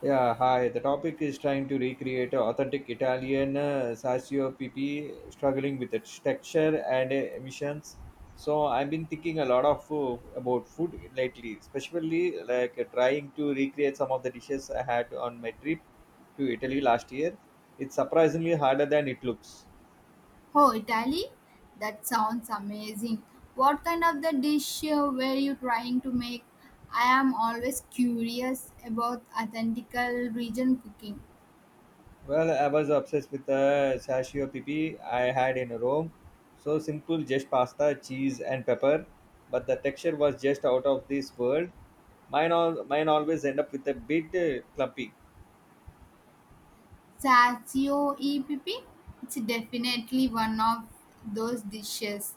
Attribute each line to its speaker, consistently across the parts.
Speaker 1: Yeah, hi. The topic is trying to recreate a authentic Italian PP struggling with its texture and emissions. So I've been thinking a lot of about food lately, especially trying to recreate some of the dishes I had on my trip to Italy last year. It's surprisingly harder than it looks.
Speaker 2: Oh, Italy? That sounds amazing. What kind of the dish were you trying to make? I am always curious about authentical region cooking.
Speaker 1: Well, I was obsessed with the ppi I had in Rome. So simple, just pasta, cheese, and pepper, but the texture was just out of this world. Mine always end up with a bit clumpy.
Speaker 2: Sazio EPP? It's definitely one of those dishes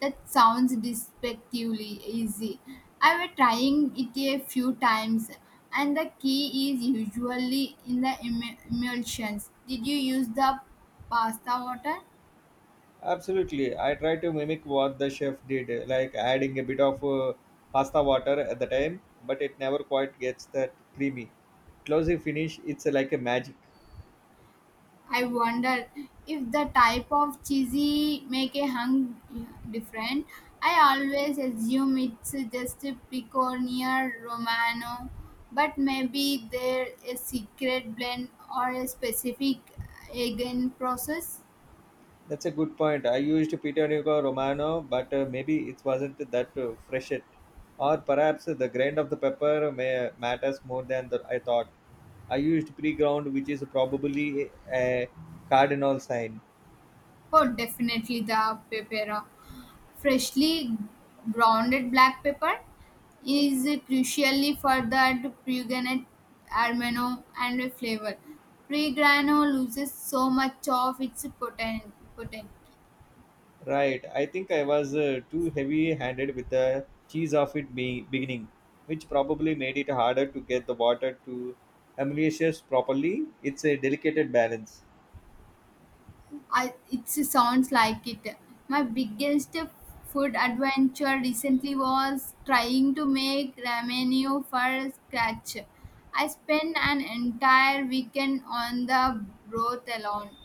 Speaker 2: that sounds despectively easy. I was trying it a few times and the key is usually in the emulsions. Did you use the pasta water?
Speaker 1: Absolutely, I try to mimic what the chef did, like adding a bit of pasta water at the time, but it never quite gets that creamy closing finish. It's like a magic.
Speaker 2: I wonder if the type of cheesy make a hung different. I always assume it's just a pecorino romano, but maybe there a secret blend or a specific again process.
Speaker 1: That's a good point. I used peter Nico romano, but maybe it wasn't that fresh yet, or perhaps the grind of the pepper may matters more than I thought. I used pre-ground, which is probably a cardinal sign.
Speaker 2: Oh, definitely the pepera, freshly grounded black pepper is crucially for that pungent aroma and flavor. Pre-grano loses so much of its potent.
Speaker 1: Right. I think I was too heavy handed with the cheese of beginning, which probably made it harder to get the water to emulate properly. It's a delicate balance.
Speaker 2: It sounds like it. My biggest food adventure recently was trying to make ramen for scratch. I spent an entire weekend on the broth alone.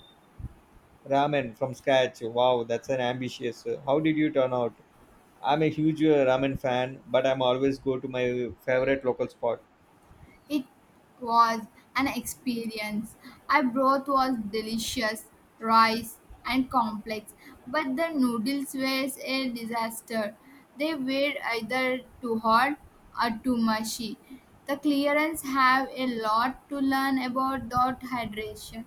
Speaker 1: Ramen from scratch. Wow, that's an ambitious. How did you turn out? I'm a huge ramen fan, but I'm always go to my favorite local spot.
Speaker 2: It was an experience. I broth was delicious, rice and complex, but the noodles were a disaster. They were either too hot or too mushy. The clearance have a lot to learn about that hydration.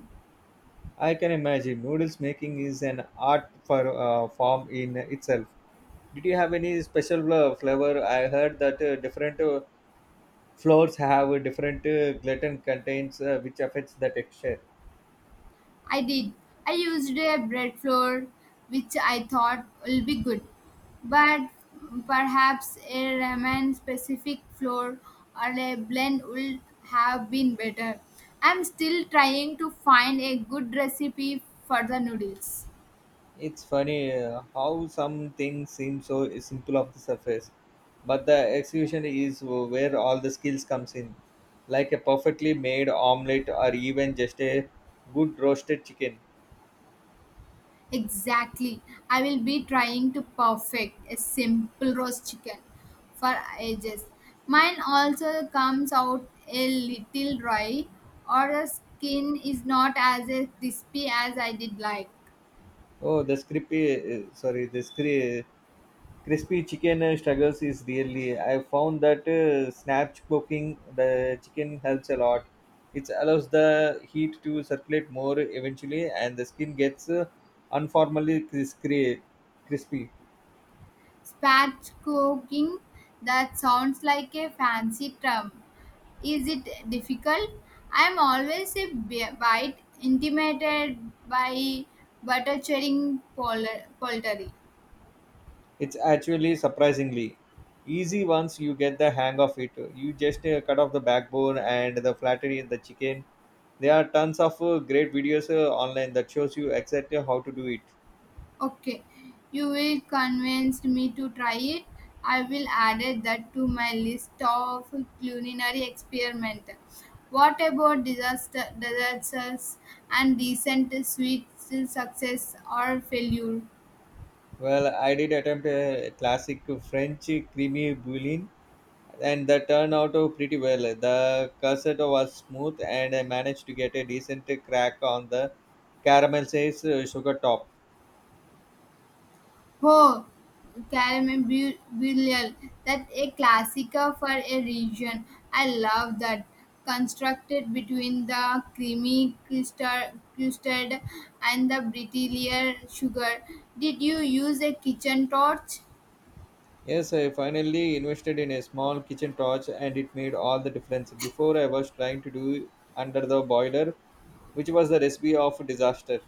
Speaker 1: I can imagine noodles making is an art for form in itself. Did you have any special flavor? I heard that different floors have a different gluten contains which affects the texture.
Speaker 2: I did. I used a bread flour, which I thought will be good, but perhaps a ramen specific flour or a blend would have been better. I'm still trying to find a good recipe for the noodles.
Speaker 1: It's funny how some things seem so simple off the surface, but the execution is where all the skills comes in, like a perfectly made omelette or even just a good roasted chicken.
Speaker 2: Exactly. I will be trying to perfect a simple roast chicken for ages. Mine also comes out a little dry, or the skin is not as crispy as I did like.
Speaker 1: The script crispy chicken struggles is really. I found that snap cooking the chicken helps a lot. It allows the heat to circulate more eventually and the skin gets unformally crispy.
Speaker 2: Spatch cooking, that sounds like a fancy term. Is it difficult? I'm always a bit intimidated by butter churning poultry.
Speaker 1: It's actually surprisingly easy once you get the hang of it. You just cut off the backbone and the flattery in the chicken. There are tons of great videos online that shows you exactly how to do it.
Speaker 2: Okay, you will convince me to try it. I will add it that to my list of culinary experiment. What about disaster, disasters and recent sweet success or failure?
Speaker 1: Well, I did attempt a classic French creamy bouillon, and that turned out pretty well. The cassette was smooth, and I managed to get a decent crack on the caramelized sugar top.
Speaker 2: Oh, Caramel that's a classica for a region. I love that. Constructed between the creamy custard and the brittle sugar. Did you use a kitchen torch?
Speaker 1: Yes, I finally invested in a small kitchen torch, and it made all the difference. Before, I was trying to do under the boiler, which was the recipe of disaster.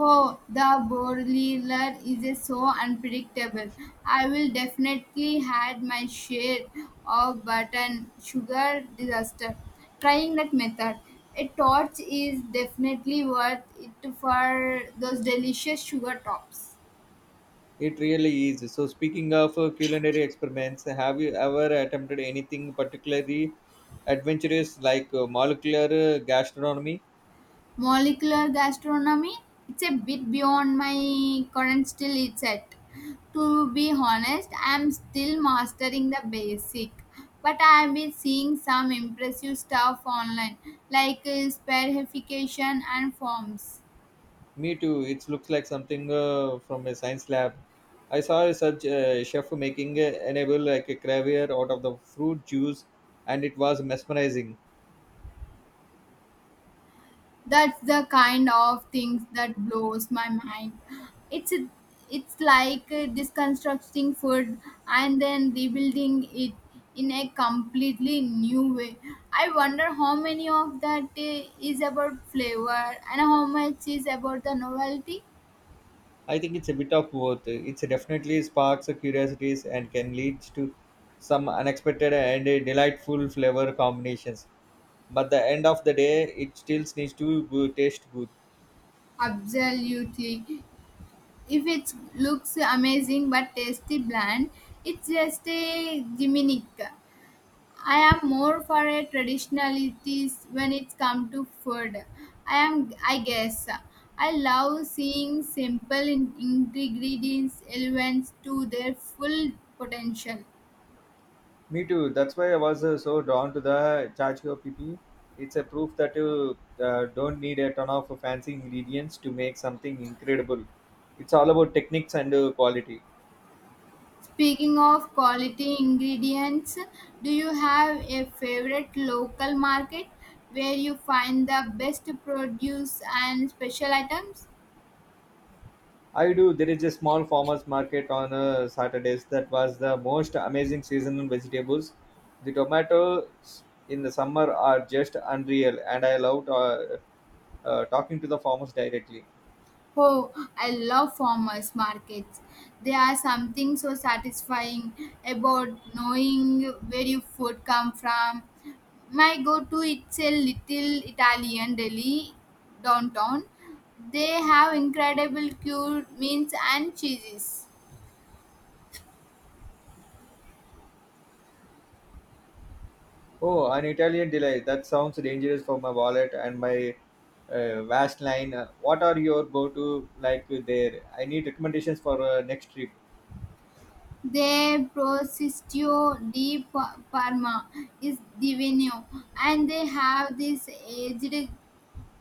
Speaker 2: Oh, the Borliler is so unpredictable. I will definitely had my share of button sugar disaster. Trying that method, a torch is definitely worth it for those delicious sugar tops.
Speaker 1: It really is. So, speaking of culinary experiments, have you ever attempted anything particularly adventurous like molecular gastronomy?
Speaker 2: Molecular gastronomy, it's a bit beyond my current skill set, to be honest. I'm still mastering the basic, but I've been seeing some impressive stuff online, like spherification and forms.
Speaker 1: Me too. It looks like something from a science lab. I saw such a chef making enable like a caviar out of the fruit juice, and it was mesmerizing.
Speaker 2: That's the kind of things that blows my mind. It's it's like deconstructing food and then rebuilding it in a completely new way. I wonder how many of that is about flavor and how much is about the novelty.
Speaker 1: I think it's a bit of both. It's definitely sparks curiosities and can lead to some unexpected and delightful flavor combinations, but the end of the day it still needs to taste good.
Speaker 2: Absolutely. If it looks amazing but tasty bland, it's just a gimmick. I am more for a traditionalities when it's come to food. I am, I guess, I love seeing simple ingredients elements to their full potential.
Speaker 1: Me too. That's why I was so drawn to the chachko pp. It's a proof that you don't need a ton of fancy ingredients to make something incredible. It's all about techniques and quality.
Speaker 2: Speaking of quality ingredients, do you have a favorite local market where you find the best produce and special items?
Speaker 1: I do. There is a small farmers market on saturdays that was the most amazing seasonal vegetables. The tomatoes in the summer are just unreal, and I loved talking to the farmers directly.
Speaker 2: Oh, I love farmers markets. They are something so satisfying about knowing where your food come from. My go-to it's a little Italian deli downtown. They have incredible cured meats and cheeses.
Speaker 1: Oh, an Italian delight. That sounds dangerous for my wallet and my vast line. What are your go-to like there? I need recommendations for next trip.
Speaker 2: Their prosciutto di Parma is divino, and they have this aged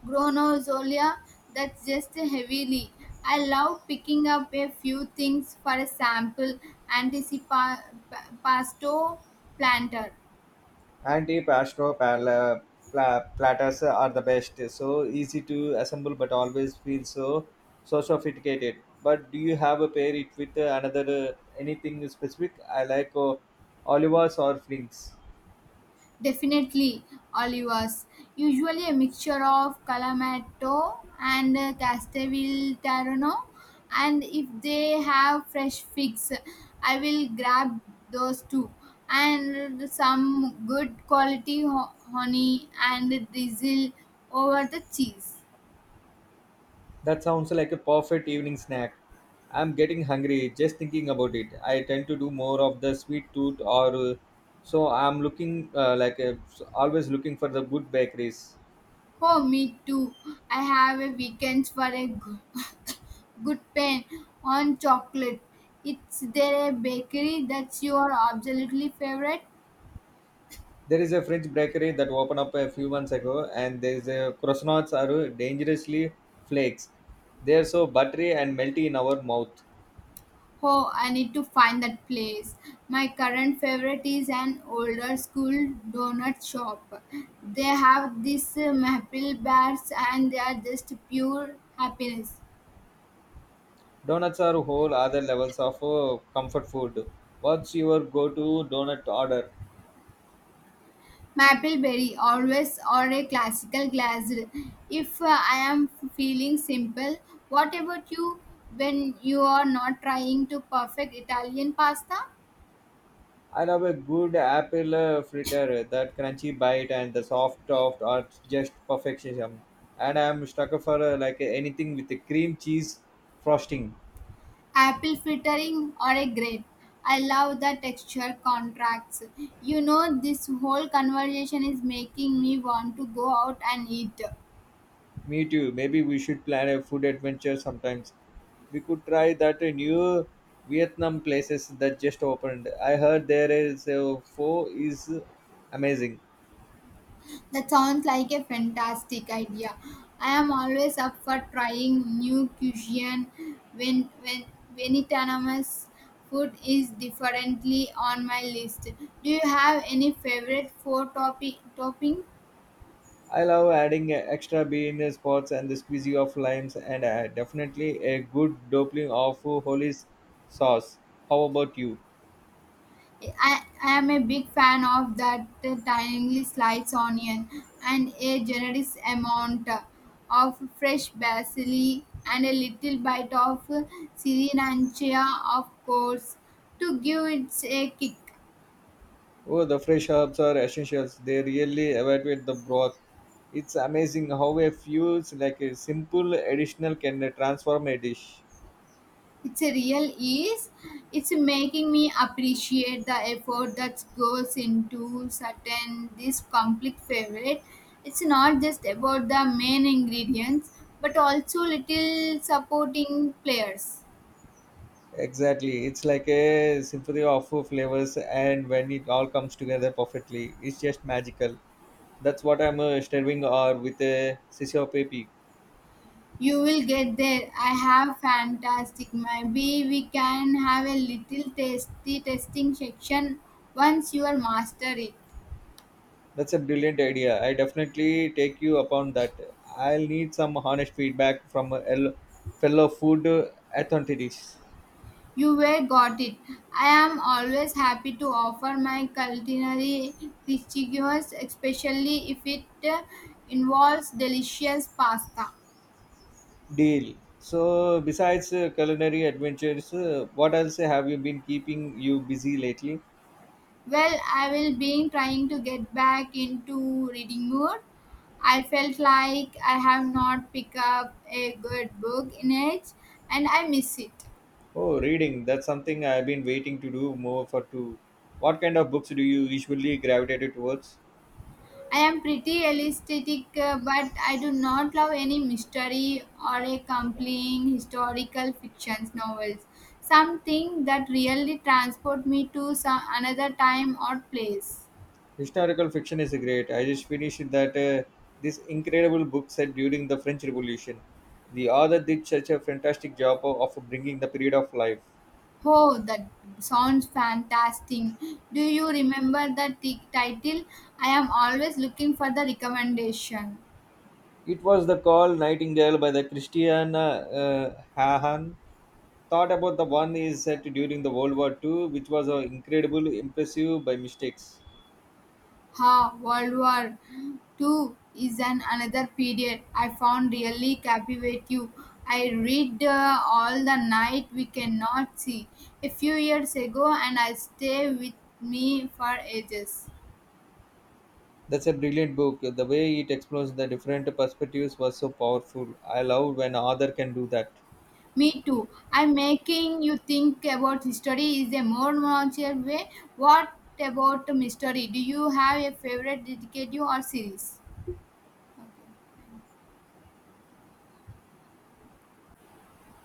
Speaker 2: Gronozollia, that's just heavily. I love picking up a few things for a sample anticipasto planter.
Speaker 1: Anti pasto platters are the best. So easy to assemble, but always feel so sophisticated. But do you have a pair it with another anything specific? I like olivas or flings.
Speaker 2: Definitely olivas. Usually a mixture of Kalamato and Castelvetrano. And if they have fresh figs, I will grab those too. And some good quality honey and drizzle over the cheese.
Speaker 1: That sounds like a perfect evening snack. I'm getting hungry just thinking about it. I tend to do more of the sweet tooth or so I'm looking always looking for the good bakeries.
Speaker 2: Oh, me too. I have a weekend for a good pen on chocolate. Is there a bakery that's your absolutely favorite?
Speaker 1: There is a French bakery that opened up a few months ago and there's a croissants are dangerously flakes. They're so buttery and melty in our mouth.
Speaker 2: Oh, I need to find that place. My current favorite is an older school donut shop. They have these maple bars and they are just pure happiness.
Speaker 1: Donuts are whole other levels of comfort food. What's your go-to donut order?
Speaker 2: Mapleberry, always or a classical glazed. If I am feeling simple, what about you when you are not trying to perfect Italian pasta?
Speaker 1: I love a good apple fritter, that crunchy bite and the soft top are just perfection. And I'm stuck for like anything with a cream cheese frosting.
Speaker 2: Apple frittering or a grape? I love the texture contracts. You know, this whole conversation is making me want to go out and eat.
Speaker 1: Me too. Maybe we should plan a food adventure sometimes. We could try that new Vietnam places that just opened. I heard there is a pho is amazing.
Speaker 2: That sounds like a fantastic idea. I am always up for trying new cuisine when Vietnamese food is differently on my list. Do you have any favorite food topping?
Speaker 1: I love adding extra bean spots and the squeezy of limes, and definitely a good doppling of holy sauce. How about you?
Speaker 2: I am a big fan of that thinly sliced onion and a generous amount of fresh basil and a little bite of sriracha, of course, to give it a kick.
Speaker 1: Oh, the fresh herbs are essentials. They really evacuate the broth. It's amazing how a few like a simple additional can transform a dish.
Speaker 2: It's a real ease. It's making me appreciate the effort that goes into certain this complete favorite. It's not just about the main ingredients, but also little supporting players.
Speaker 1: Exactly. It's like a symphony of flavors, and when it all comes together perfectly, it's just magical. That's what I'm stirring or with a sisio pepi.
Speaker 2: You will get there. I have fantastic. Maybe we can have a little tasty testing section once you are master it.
Speaker 1: That's a brilliant idea. I definitely take you upon that. I'll need some honest feedback from a fellow food authorities.
Speaker 2: You were got it. I am always happy to offer my culinary dishes, especially if it uh, involves delicious pasta.
Speaker 1: Deal. So, besides culinary adventures, what else have you been keeping you busy lately?
Speaker 2: Well, I will be trying to get back into reading more. I felt like I have not picked up a good book in age and I miss it.
Speaker 1: Oh, reading. That's something I've been waiting to do more for too. What kind of books do you usually gravitate towards?
Speaker 2: I am pretty realistic, but I do not love any mystery or a compelling historical fiction novels. Something that really transport me to some another time or place.
Speaker 1: Historical fiction is great. I just finished that this incredible book set during the French Revolution. The author did such a fantastic job of bringing the period of life.
Speaker 2: Oh, that sounds fantastic. Do you remember the title? I am always looking for the recommendation.
Speaker 1: It was the call Nightingale by the Christian Hahan. Thought about the one is set during the World War II, which was incredible, impressive by mistakes.
Speaker 2: Ha, World War II is an another period I found really captivating. I read all the night we cannot see a few years ago, and I stay with me for ages.
Speaker 1: That's a brilliant book. The way it explores the different perspectives was so powerful. I love when author can do that.
Speaker 2: Me too. I'm making you think about history is a more natural way. What about mystery? Do you have a favorite detective or series?